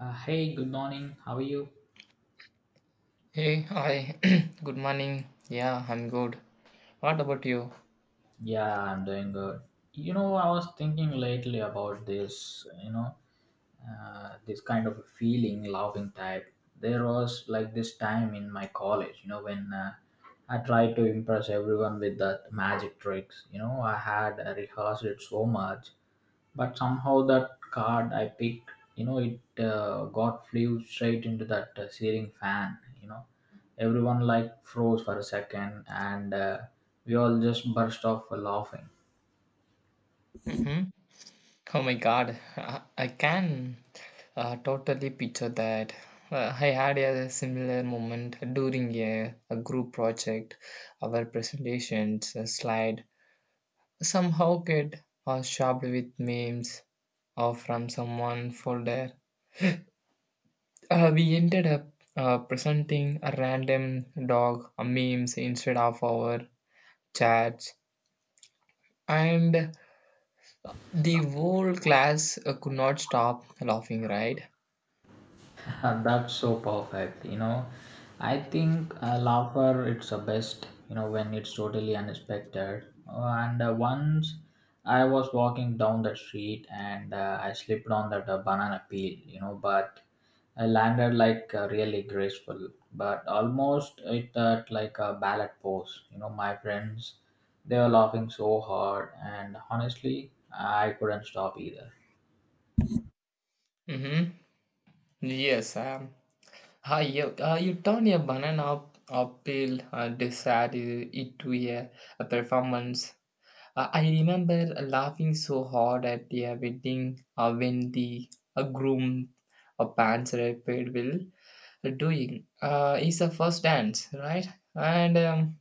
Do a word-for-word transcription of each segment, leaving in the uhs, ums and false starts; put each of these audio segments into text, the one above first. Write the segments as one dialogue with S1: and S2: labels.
S1: Uh, hey, good morning. How are you?
S2: Hey, hi. Good morning. Yeah, I'm good. What about you?
S1: Yeah, I'm doing good. You know, I was thinking lately about this, you know, uh, this kind of feeling, loving type. There was like this time in my college, you know, when uh, I tried to impress everyone with that magic tricks. You know, I had uh, rehearsed it so much but somehow that card I picked, you know, it uh, got flew straight into that uh, ceiling fan. You know, everyone like froze for a second, and uh, we all just burst off laughing.
S2: hmm Oh my God, I, I can uh, totally picture that. Uh, I had a similar moment during a, a group project. Our presentations uh, slide somehow get uh, shoved with memes or from someone folder. Uh, we ended up uh, presenting a random dog uh, memes instead of our chats and the whole class uh, could not stop laughing, right?
S1: Uh, that's so perfect. You know, I think uh, laughter it's the best. You know, when it's totally unexpected. Uh, and uh, once I was walking down the street and uh, I slipped on that uh, banana peel. You know, but I landed like uh, really graceful, but almost it uh, like a ballet pose. You know, my friends they were laughing so hard, and honestly, I couldn't stop either.
S2: Mm-hmm. Yes, um, ah, you, uh, you turn a banana up, peel uh, dessert uh, into a, a performance. Uh, I remember laughing so hard at the uh, wedding uh, when the uh, groom uh, pants rapid will doing. Uh, it's a first dance, right? And um,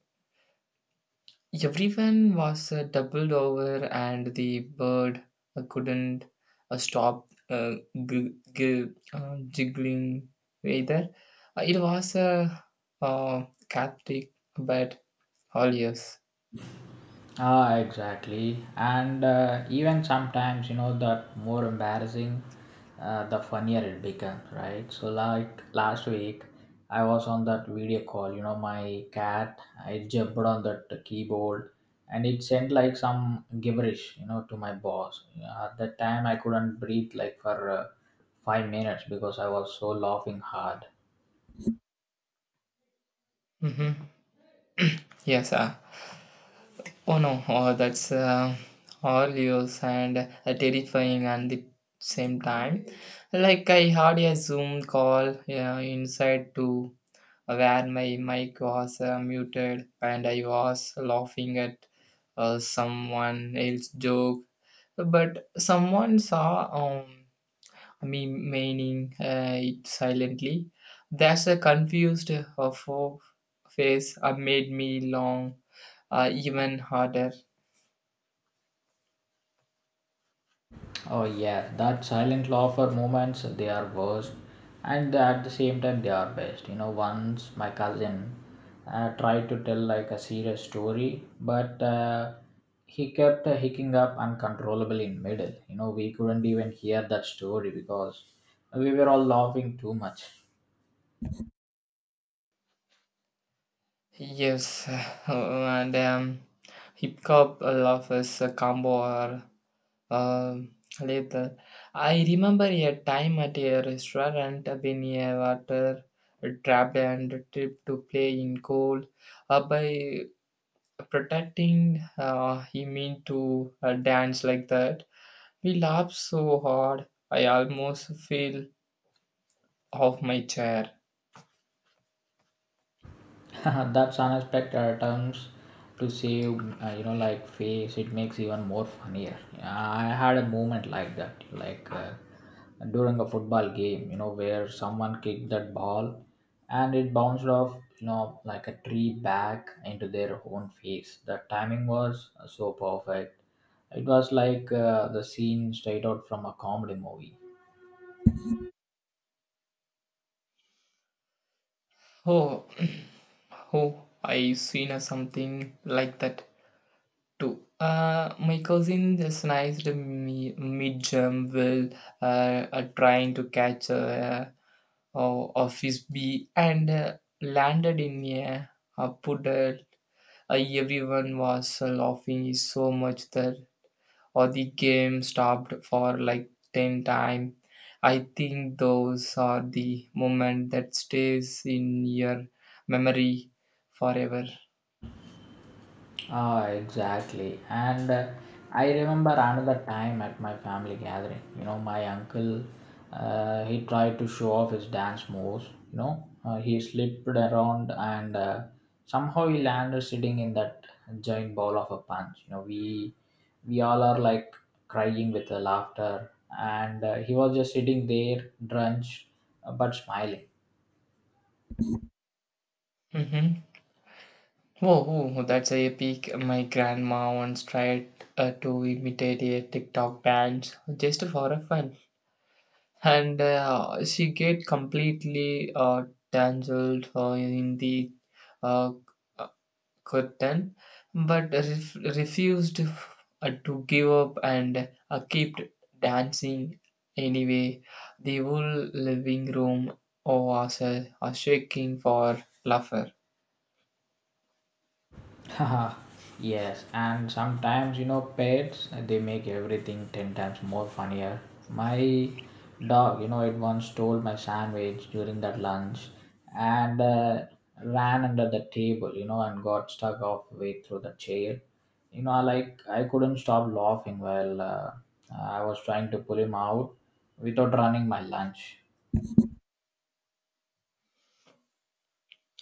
S2: Everyone was uh, doubled over, and the bird uh, couldn't uh, stop uh, g- g- uh, jiggling either. Uh, it was a uh, Catholic, but all ears.
S1: Ah, exactly. And uh, even sometimes, you know, the more embarrassing, uh, the funnier it becomes, right? So, like last week, I was on that video call, you know, my cat, I jumped on that keyboard and it sent like some gibberish, you know, to my boss. Yeah, at that time, I couldn't breathe like for uh, five minutes because I was so laughing hard.
S2: hmm Yes, uh, oh no, oh, that's uh, all yours and uh, terrifying at the same time. Like I had a Zoom call, yeah, inside to where my mic was uh, muted and I was laughing at uh, someone else's joke. But someone saw um, me meaning uh, it silently. That's a confused uh, fo- face uh, made me long uh, even harder.
S1: Oh yeah, that silent laughter moments they are worst, and at the same time they are best. You know, once my cousin uh, tried to tell like a serious story, but uh, he kept uh, hicking up uncontrollably in middle. You know, we couldn't even hear that story because we were all laughing too much.
S2: Yes, and um, hip hop love is a combo or Um, later, I remember a time at a restaurant when a water trapped and tripped to play in cold. Uh, by protecting, uh, he meant to uh, dance like that. We laughed so hard, I almost fell off my chair.
S1: That's unexpected terms to save, uh, you know, like face. It makes even more funnier. Yeah, I had a moment like that, like uh, during a football game, you know, where someone kicked that ball and it bounced off, you know, like a tree back into their own face. The timing was so perfect. It was like uh, the scene straight out from a comedy movie.
S2: Oh, oh, I seen uh, something like that. Two. Uh, my cousin just sniped me mid jump while uh, uh, trying to catch a uh, o- office bee and uh, landed in a, a puddle. Uh, Everyone was uh, laughing so much that or the game stopped for like ten times. I think those are the moment that stays in your memory forever.
S1: Ah, exactly. And uh, I remember another time at my family gathering. You know, my uncle, uh, he tried to show off his dance moves. You know, uh, he slipped around and uh, somehow he landed sitting in that giant ball of a punch. You know, we we all are like crying with the laughter, and uh, he was just sitting there, drenched uh, but smiling.
S2: hmm Whoa, whoa, that's a epic. My grandma once tried uh, to imitate a TikTok dance just for a fun, and uh, she get completely uh, tangled uh, in the uh, uh, curtain, but ref- refused uh, to give up and uh, kept dancing anyway. The whole living room oh, was uh, shaking for laughter.
S1: Haha, yes, and sometimes you know pets they make everything ten times more funnier. My dog, you know, it once stole my sandwich during that lunch and uh, ran under the table, you know, and got stuck halfway through the chair. You know, I like I couldn't stop laughing while uh, I was trying to pull him out without running my lunch.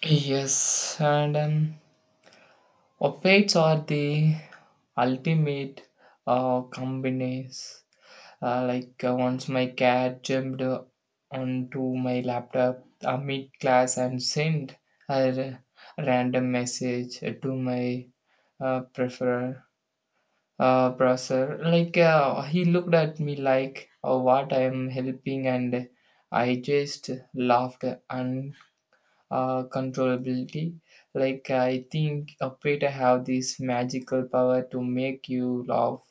S2: Yes, and um, updates are the ultimate uh, combines. Uh, like uh, once my cat jumped uh, onto my laptop uh, mid class and sent a r- random message to my uh, prefer uh, browser. Like uh, he looked at me like, oh, what I am helping, and I just laughed uh, controllability. Like I think a Preta have this magical power to make you laugh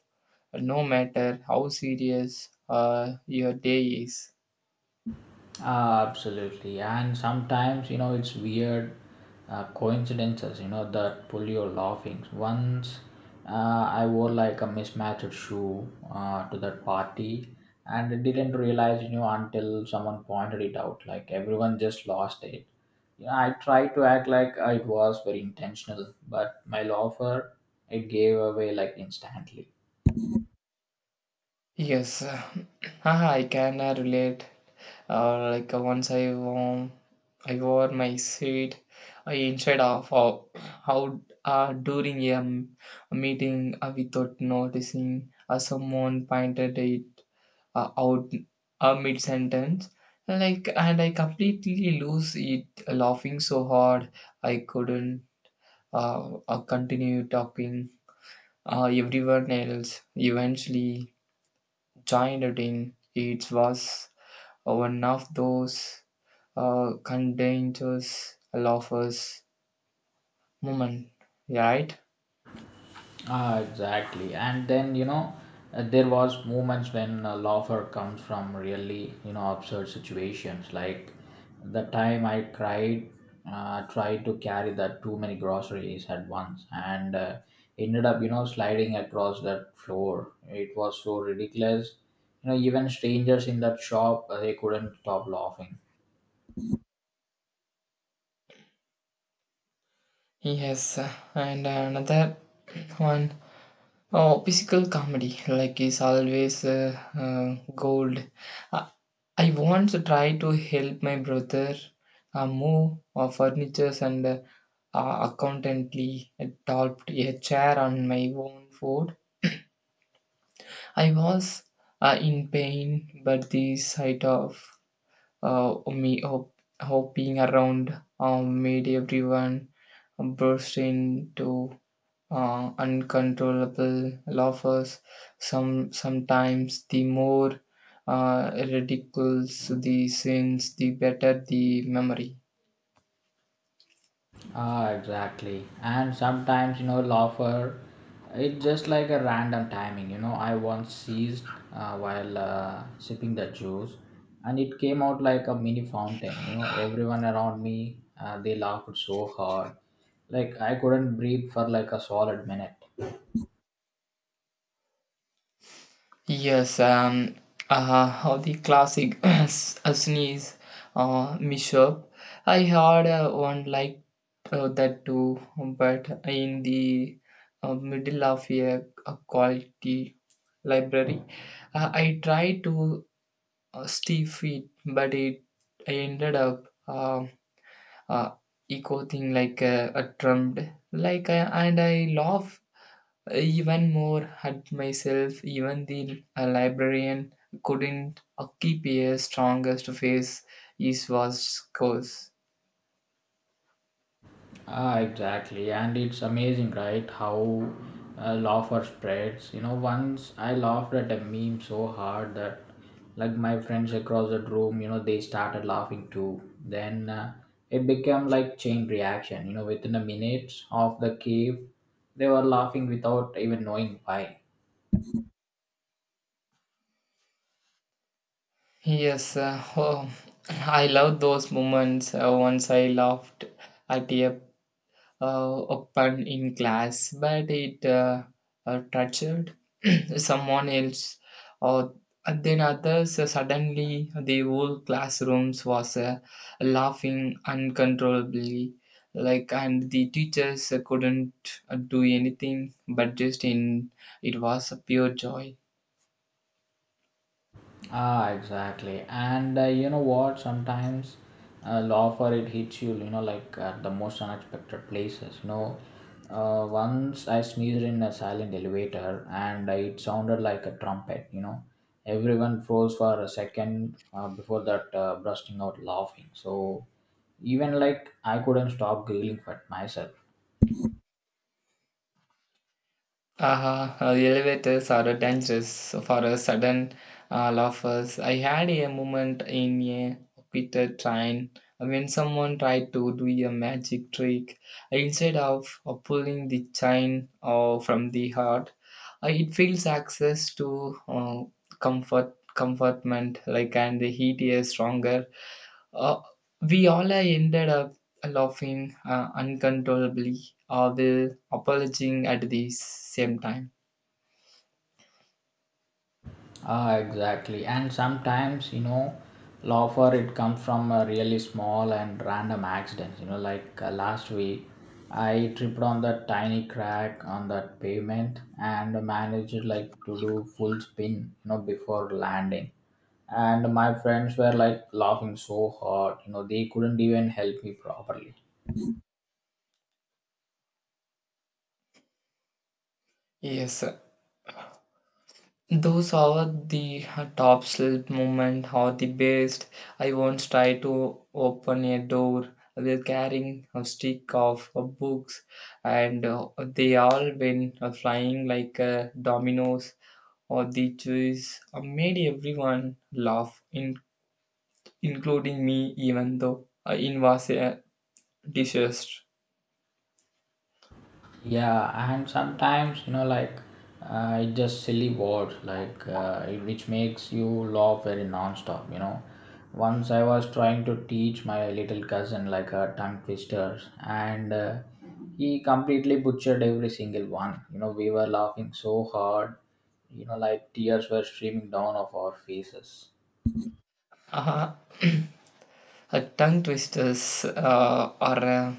S2: no matter how serious uh, your day is.
S1: Ah, absolutely, and sometimes you know it's weird uh, coincidences. You know that pull your laughing. Once uh, I wore like a mismatched shoe uh, to that party, and I didn't realize you know until someone pointed it out. Like everyone just lost it. You know, I tried to act like uh, it was very intentional, but my loafer it gave away like instantly.
S2: Yes, I can uh, relate. Uh, like uh, once I wore, I wore my seat uh, instead of uh, how uh, during a, m- a meeting uh, without noticing uh, someone pointed it uh, out a mid sentence like, and I completely lose it laughing so hard I couldn't uh, uh, continue talking. Uh, everyone else eventually joined it in. It was one of those uh, contagious laughers moment, right?
S1: Ah, exactly. And then, you know, uh, there was moments when uh, laughter comes from really, you know, absurd situations. Like the time I cried, uh, tried to carry that too many groceries at once and uh, ended up, you know, sliding across that floor. It was so ridiculous. You know, even strangers in that shop, uh, they couldn't stop laughing.
S2: Yes, and another one. Oh, physical comedy like is always uh, uh, gold. Uh, I once tried to help my brother uh, move uh, furniture and uh, accountancy topped a chair on my own foot. I was uh, in pain, but the sight of uh, me hop- hopping around um, made everyone burst into uh, uncontrollable laughers. Some sometimes the more uh, ridiculous the sins, the better the memory.
S1: Ah, exactly. And sometimes, you know, laughter, it's just like a random timing. You know, I once seized uh, while uh, sipping the juice, and it came out like a mini fountain. You know, everyone around me, uh, they laughed so hard, like I couldn't breathe for like a solid minute.
S2: Yes, um, uh, all the classic s- uh, sneeze uh, mishap. I had uh, one like uh, that too, but in the uh, middle of a, a quality library. Uh, I tried to uh, stiff it, but it I ended up uh, uh, echo thing like uh, a trumped like I, and I laugh even more at myself. Even the uh, librarian couldn't uh, keep a strongest face. His was course.
S1: Ah, exactly, and it's amazing, right? How uh, laughter spreads. You know, once I laughed at a meme so hard that, like, my friends across the room, you know, they started laughing too. Then uh, it became like chain reaction. You know, within a minute of the cave, they were laughing without even knowing why.
S2: Yes, uh, oh, I love those moments. Uh, once I laughed at a uh, open in class, but it uh, uh, tortured someone else, or and then others. Uh, suddenly, the whole classrooms was uh, laughing uncontrollably, like, and the teachers uh, couldn't uh, do anything, but just in. It was a pure joy.
S1: Ah, exactly. And uh, you know what? Sometimes uh, law for it hits you, you know, like at the most unexpected places. You know, uh, once I sneezed in a silent elevator and it sounded like a trumpet, you know. Everyone froze for a second uh, before that uh, bursting out laughing. So even like I couldn't stop giggling at myself.
S2: Uh Uh, elevators are dangerous for a sudden uh, laughers. I had a moment in a Peter train when someone tried to do a magic trick instead of uh, pulling the chain uh, from the heart. Uh, it feels access to uh, comfort, comfortment, like, and the heat is stronger. Uh, we all ended up laughing uh, uncontrollably, or will apologizing at the same time.
S1: Ah, exactly. And sometimes, you know, laughter it comes from a really small and random accidents. You know, like uh, last week, I tripped on that tiny crack on that pavement and managed like to do full spin, you know, before landing. And my friends were like laughing so hard, you know, they couldn't even help me properly.
S2: Yes, those are the uh, top shelf movement or the best. I once tried to open a door while carrying a stick of uh, books, and uh, they all went uh, flying like uh, dominoes. Or the choice uh, made everyone laugh, in- including me, even though uh, it was a disaster.
S1: Yeah, and sometimes you know, like uh, it's just silly words, like uh, it- which makes you laugh very non-stop. You know, once I was trying to teach my little cousin like a tongue twisters, and uh, he completely butchered every single one. You know, we were laughing so hard. You know, like tears were streaming down of our faces.
S2: Uh, uh, Tongue twisters uh, are. Uh,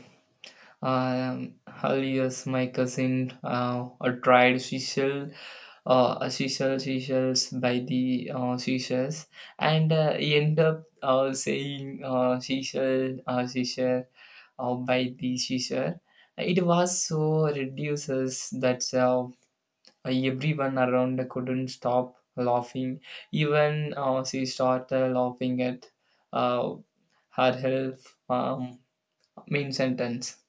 S2: Um, Alias my cousin uh, uh, tried seashell, uh, a seashell seashells by the uh, seashells, and uh, he ended up uh, saying uh, seashell, uh, seashell uh, by the seashell. It was so ridiculous that uh, everyone around couldn't stop laughing. Even uh, she started laughing at uh, her health um, main sentence.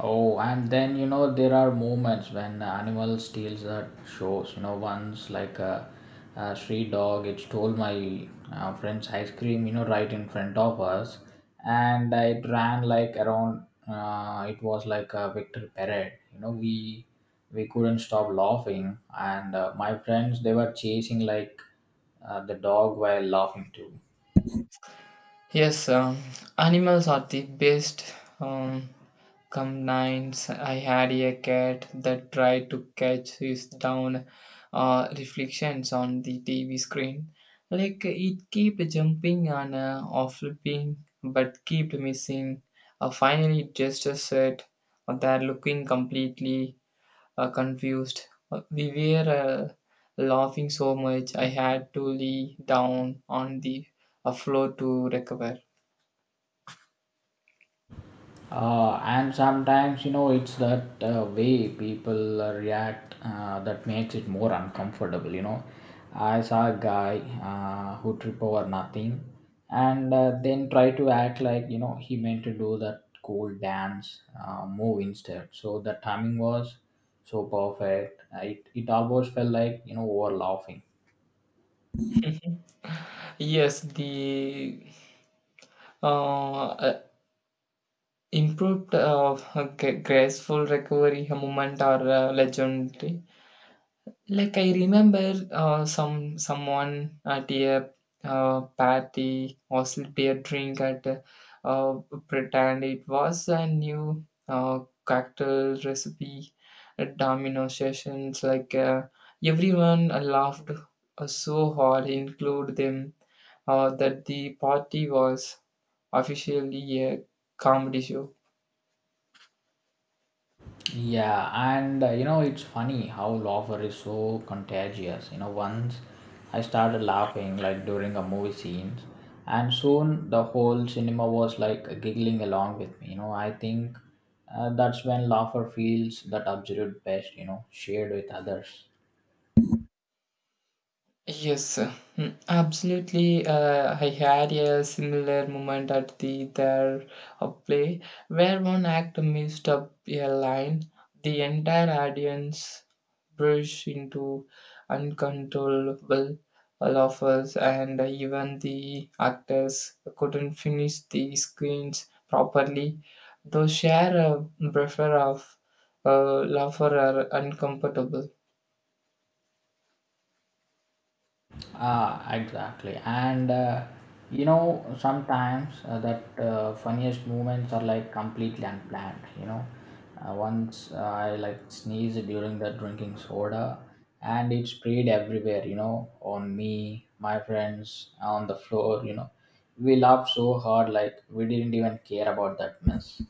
S1: Oh, and then you know there are moments when animal steals that shows. You know, once like a, a street dog, it stole my uh, friend's ice cream. You know, right in front of us, and it ran like around. Uh, it was like a victory parade. You know, we we couldn't stop laughing, and uh, my friends they were chasing like uh, the dog while laughing too.
S2: Yes, um, animals are the best um, companions. I had a cat that tried to catch his down uh, reflections on the T V screen. Like it kept jumping and uh, off flipping, but kept missing. Uh, finally, it just said that looking completely uh, confused. Uh, we were uh, laughing so much, I had to lay down on the uh, floor to recover.
S1: Uh, and sometimes you know it's that uh, way people uh, react uh, that makes it more uncomfortable, you know, I saw a guy uh, who trip over nothing and uh, then try to act like you know he meant to do that cool dance uh, move instead. So the timing was so perfect. Uh, it, it almost felt like you know over laughing.
S2: Yes, the uh, uh, improved uh, gra- graceful recovery moment are uh, legendary. Like I remember uh, some someone at a uh, party or a drink at uh, uh, pretend it was a new uh, cocktail recipe at domino sessions. Like uh, everyone laughed uh, so hard, include them, uh, that the party was officially a comedy show.
S1: Yeah, and uh, you know, it's funny how laughter is so contagious. You know, once I started laughing like during a movie scenes, and soon the whole cinema was like giggling along with me. You know, I think uh, that's when laughter feels that absolute best, you know, shared with others.
S2: Yes, mm, absolutely. Uh, I had a similar moment at the theater of play where one actor messed up a line. The entire audience burst into uncontrollable laughter, and even the actors couldn't finish the scenes properly. They share a buffer of uh, laughter are uncomfortable.
S1: Ah, exactly. And uh, you know, sometimes uh, that uh, funniest moments are like completely unplanned. You know, uh, once uh, I like sneezed during the drinking soda, and it sprayed everywhere. You know, on me, my friends, on the floor. You know, we laughed so hard like we didn't even care about that mess.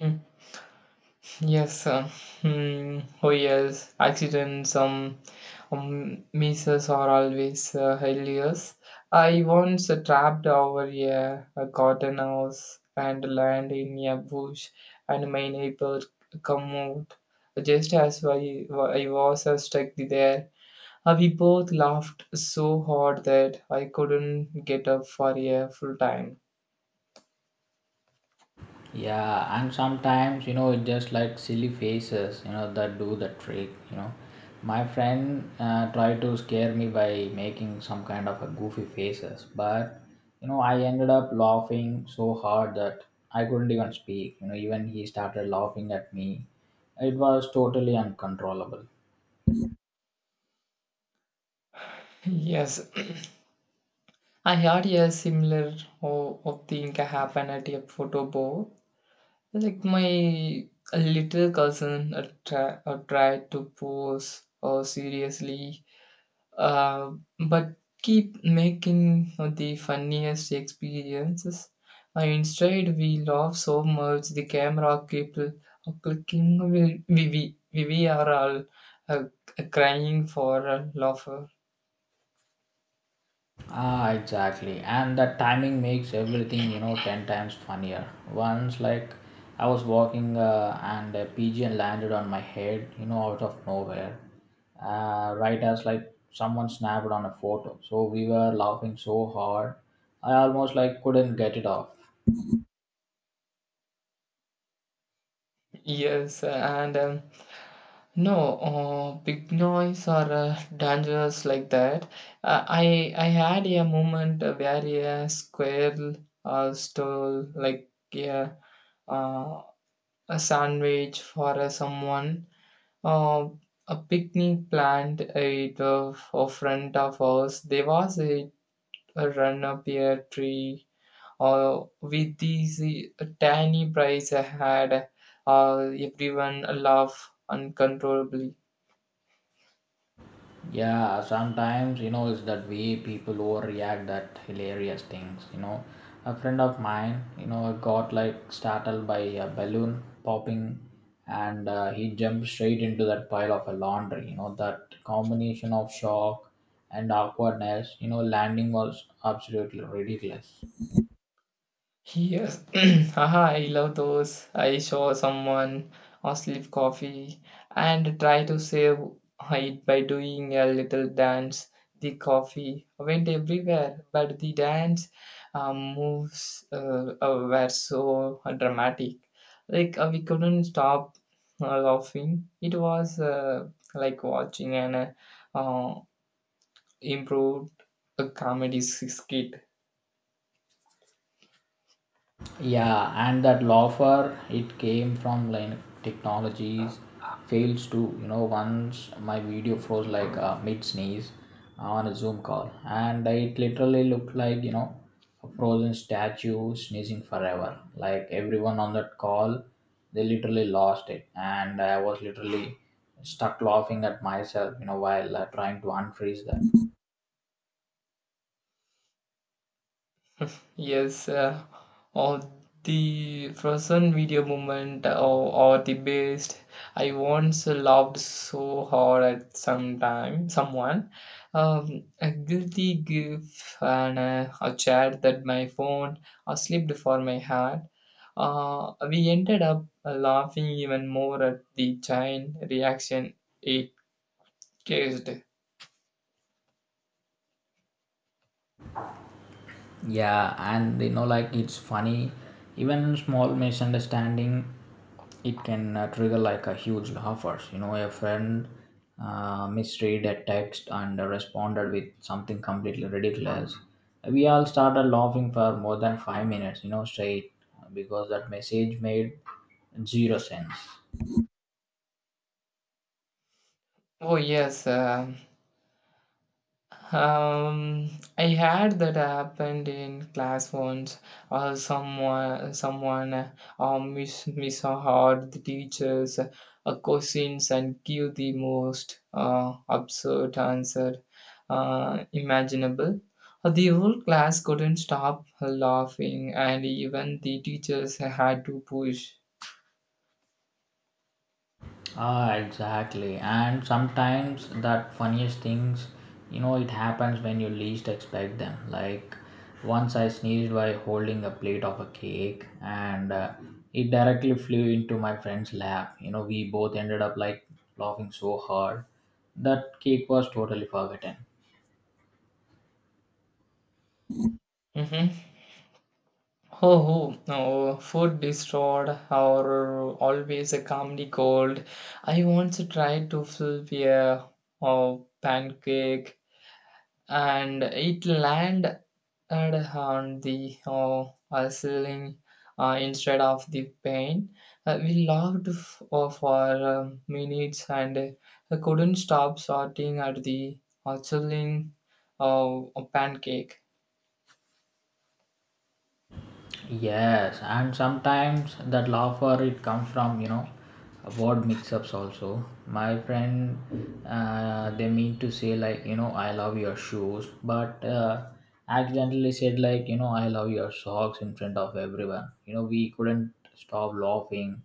S2: Hmm. Yes, uh, hmm, oh yes, accidents, um, um, misses are always uh, hilarious. I once uh, trapped over a, a cotton house and landed in a bush, and my neighbor come out just as I, I was uh, stuck there. Uh, we both laughed so hard that I couldn't get up for a full time.
S1: Yeah, and sometimes you know it's just like silly faces, you know, that do the trick. You know, my friend uh, tried to scare me by making some kind of a goofy faces, but you know I ended up laughing so hard that I couldn't even speak. You know, even he started laughing at me. It was totally uncontrollable.
S2: Yes, I had a similar oh, oh, thing happen at a photo booth. Like my little cousin uh, try, uh, tried to pose uh, seriously, uh, but keep making uh, the funniest experiences. Uh, instead, we laugh so much the camera kept uh, clicking. We, we, we, we we are all uh, crying for uh, laughter.
S1: Ah, exactly. And that timing makes everything, you know, ten times funnier. Once, like, I was walking uh, and a pigeon landed on my head, you know, out of nowhere. Uh, right as, like, someone snapped on a photo. So we were laughing so hard, I almost, like, couldn't get it off.
S2: Yes, and. Um, No, uh, big noise are uh, dangerous like that. Uh, I I had a moment where a squirrel uh, stole like a uh, a sandwich for uh, someone. Uh, a picnic plant it of uh, front of us. There was a, a run up a tree. Uh, with these uh, tiny prize I had, uh, everyone laughed uncontrollably.
S1: Yeah, sometimes you know it's that way people overreact that hilarious things, you know, a friend of mine, you know, got like startled by a balloon popping, and uh, he jumped straight into that pile of a laundry. You know that combination of shock and awkwardness, you know, landing was absolutely ridiculous.
S2: Yes, haha, I love those. I saw someone or slip coffee and try to save it by doing a little dance. The coffee went everywhere, but the dance uh, moves uh, uh, were so dramatic. Like uh, we couldn't stop uh, laughing. It was uh, like watching an uh, uh, improved uh, comedy skit.
S1: Yeah, and that loafer, it came from like technologies fails to, you know, once my video froze like uh, mid sneeze on a Zoom call, and it literally looked like, you know, a frozen statue sneezing forever. Like everyone on that call, they literally lost it, and I was literally stuck laughing at myself, you know, while uh, trying to unfreeze that.
S2: Yes, uh, or the frozen video moment or, or the best. I once loved so hard at some time, someone. Um, a guilty gift and uh, a chat that my phone uh, slipped for my heart. Uh, we ended up laughing even more at the giant reaction it caused.
S1: Yeah, and you know like it's funny even small misunderstanding, it can uh, trigger like a huge offers. You know a friend uh, misread a text and responded with something completely ridiculous. We all started laughing for more than five minutes, you know, straight, because that message made zero sense.
S2: Oh yes, um Um, I had that happened in class once. Uh, someone, someone, uh, uh, mis misheard the teachers, uh, questions, and give the most uh, absurd answer uh, imaginable. Uh, The whole class couldn't stop laughing, and even the teachers had to push.
S1: Ah, exactly. And sometimes that funniest things, you know, it happens when you least expect them. Like once I sneezed while holding a plate of a cake, and uh, it directly flew into my friend's lap. You know, we both ended up like laughing so hard that cake was totally forgotten.
S2: Mhm. Oh, oh, no, food destroyed or always a calmly cold. I once tried to flip a oh, pancake and it landed on the oh, uh, ceiling uh, instead of the pan. Uh, we laughed f- uh, for um, minutes and uh, couldn't stop sorting at the uh, chilling uh, pancake.
S1: Yes, and sometimes that laughter it comes from you know word mix-ups also. My friend, uh, they mean to say like you know I love your shoes, but uh, accidentally said like you know I love your socks in front of everyone. You know we couldn't stop laughing,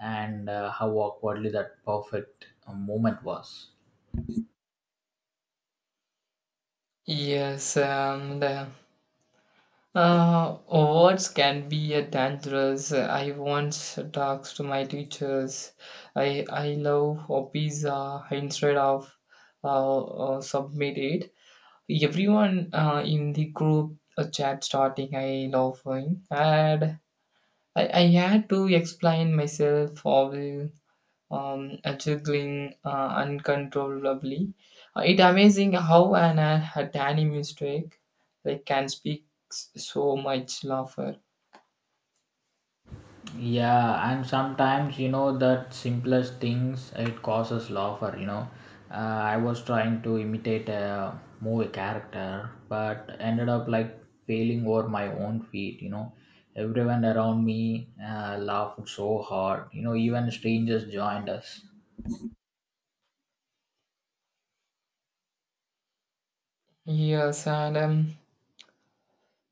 S1: and uh, how awkwardly that perfect uh, moment was.
S2: Yes, and uh, Uh, words can be a dangerous. uh, I once talked to my teachers. I I love a pizza instead of uh, uh, submit it. Everyone uh, in the group uh, chat starting I love him, and I, I had to explain myself all um, uh, juggling uh, uncontrollably. Uh, it amazing how an uh, a tiny mistake like can speak s- so much laughter.
S1: Yeah, and sometimes you know that simplest things it causes laughter. You know, uh, I was trying to imitate a movie character, but ended up like failing over my own feet. You know, everyone around me uh, laughed so hard. You know, even strangers joined us.
S2: Yes, and um,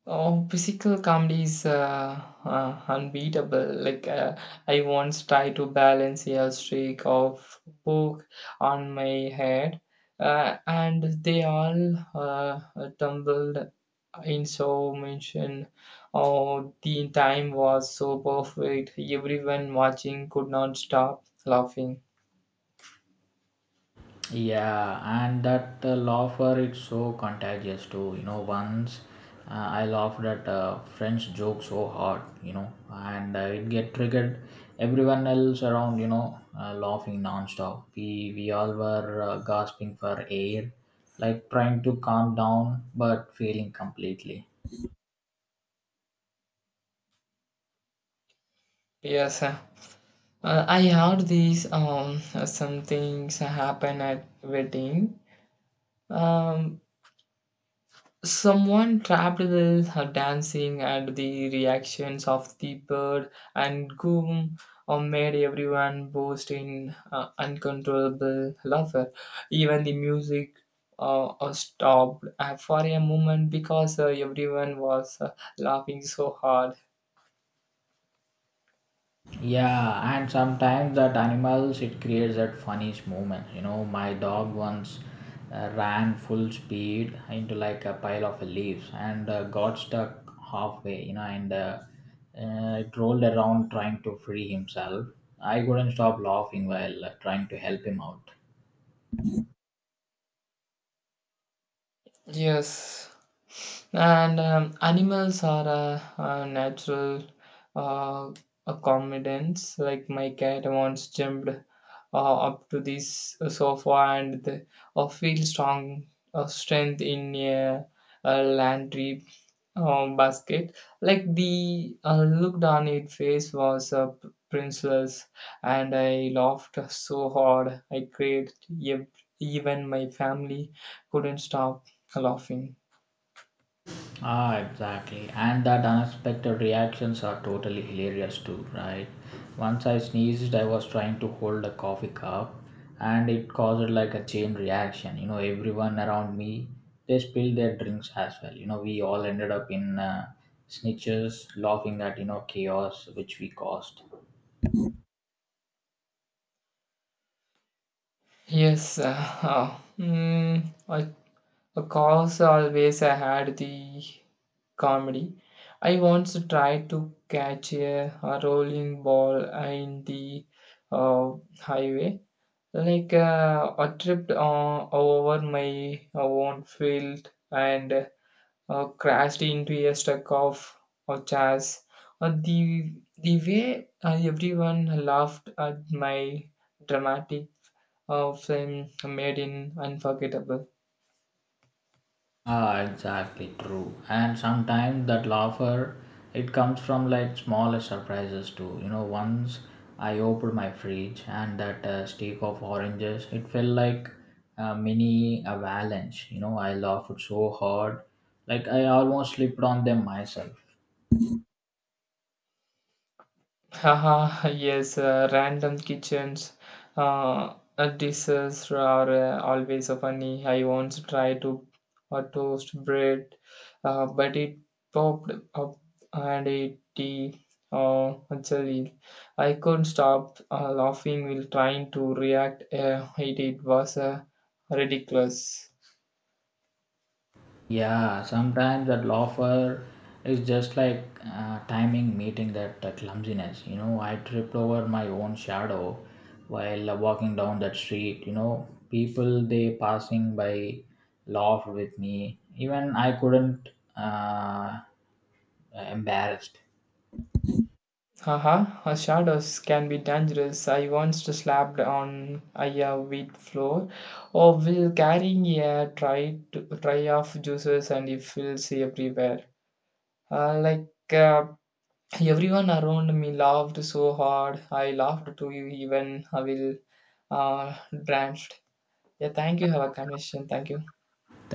S2: oh, physical comedy is uh, uh, unbeatable. Like uh, I once tried to balance a streak of book on my head, uh, and they all uh, tumbled in so mention. Oh, the time was so perfect. Everyone watching could not stop laughing.
S1: Yeah, and that uh, laughter it's so contagious too. You know, once uh, I laughed at a French joke so hard, you know, and uh, it get triggered everyone else around, you know, uh, laughing nonstop. We we all were uh, gasping for air, like trying to calm down but failing completely.
S2: Yes. uh, uh, I heard these um some things happen at wedding. Um, Someone trapped in the uh, dancing and the reactions of the bird and goom uh, made everyone burst in uh, uncontrollable laughter. Even the music uh, uh, stopped uh, for a moment because uh, everyone was uh, laughing so hard.
S1: Yeah, and sometimes that animals it creates that funniest moment. You know, my dog once uh, ran full speed into like a pile of leaves and uh, got stuck halfway. You know, and uh, uh, it rolled around trying to free himself. I couldn't stop laughing while uh, trying to help him out.
S2: Yes, and um, animals are a, a natural uh, accomodants. Like my cat once jumped uh, up to this sofa, and the, uh, feel strong uh, strength in a, a laundry um, basket. Like the uh, looked on its face was a p- princess, and I laughed so hard I cried. Ev- Even my family couldn't stop laughing.
S1: Ah, exactly. And that unexpected reactions are totally hilarious too, right? Once I sneezed, I was trying to hold a coffee cup and it caused like a chain reaction. You know, everyone around me, they spilled their drinks as well. You know, we all ended up in uh, snitches laughing at, you know, chaos which we caused.
S2: Yes, uh, uh, mm, I, of always I had the comedy. I once tried to catch a, a rolling ball in the uh, highway. Like uh, I tripped on, over my own field, and uh, crashed into a stack of, of chairs. Uh, the the way uh, everyone laughed at my dramatic often made in unforgettable.
S1: Ah, exactly true. And sometimes that laughter, it comes from like smaller surprises too. You know, once I opened my fridge and that uh, stick of oranges, it felt like a mini avalanche. You know, I laughed so hard, like I almost slipped on them myself.
S2: Haha, yes, uh, random kitchens uh, uh, dishes are uh, always so funny. I once tried to uh, toast bread, uh, but it popped up and it tea uh, jelly. I couldn't stop uh, laughing while trying to react. Uh, it, it was uh, ridiculous.
S1: Yeah, sometimes that offer is just like uh, timing meeting that uh, clumsiness. You know, I tripped over my own shadow while uh, walking down that street. You know, people they passing by laughed with me. Even I couldn't uh, embarrassed.
S2: Haha, uh, shadows can be dangerous. I once slapped on a wheat floor or will carrying a tray, to, tray of juices and it fills everywhere. Uh, like uh, everyone around me laughed so hard. I laughed too, even I will uh, drenched. Yeah, thank you. Have a conversation. Thank you.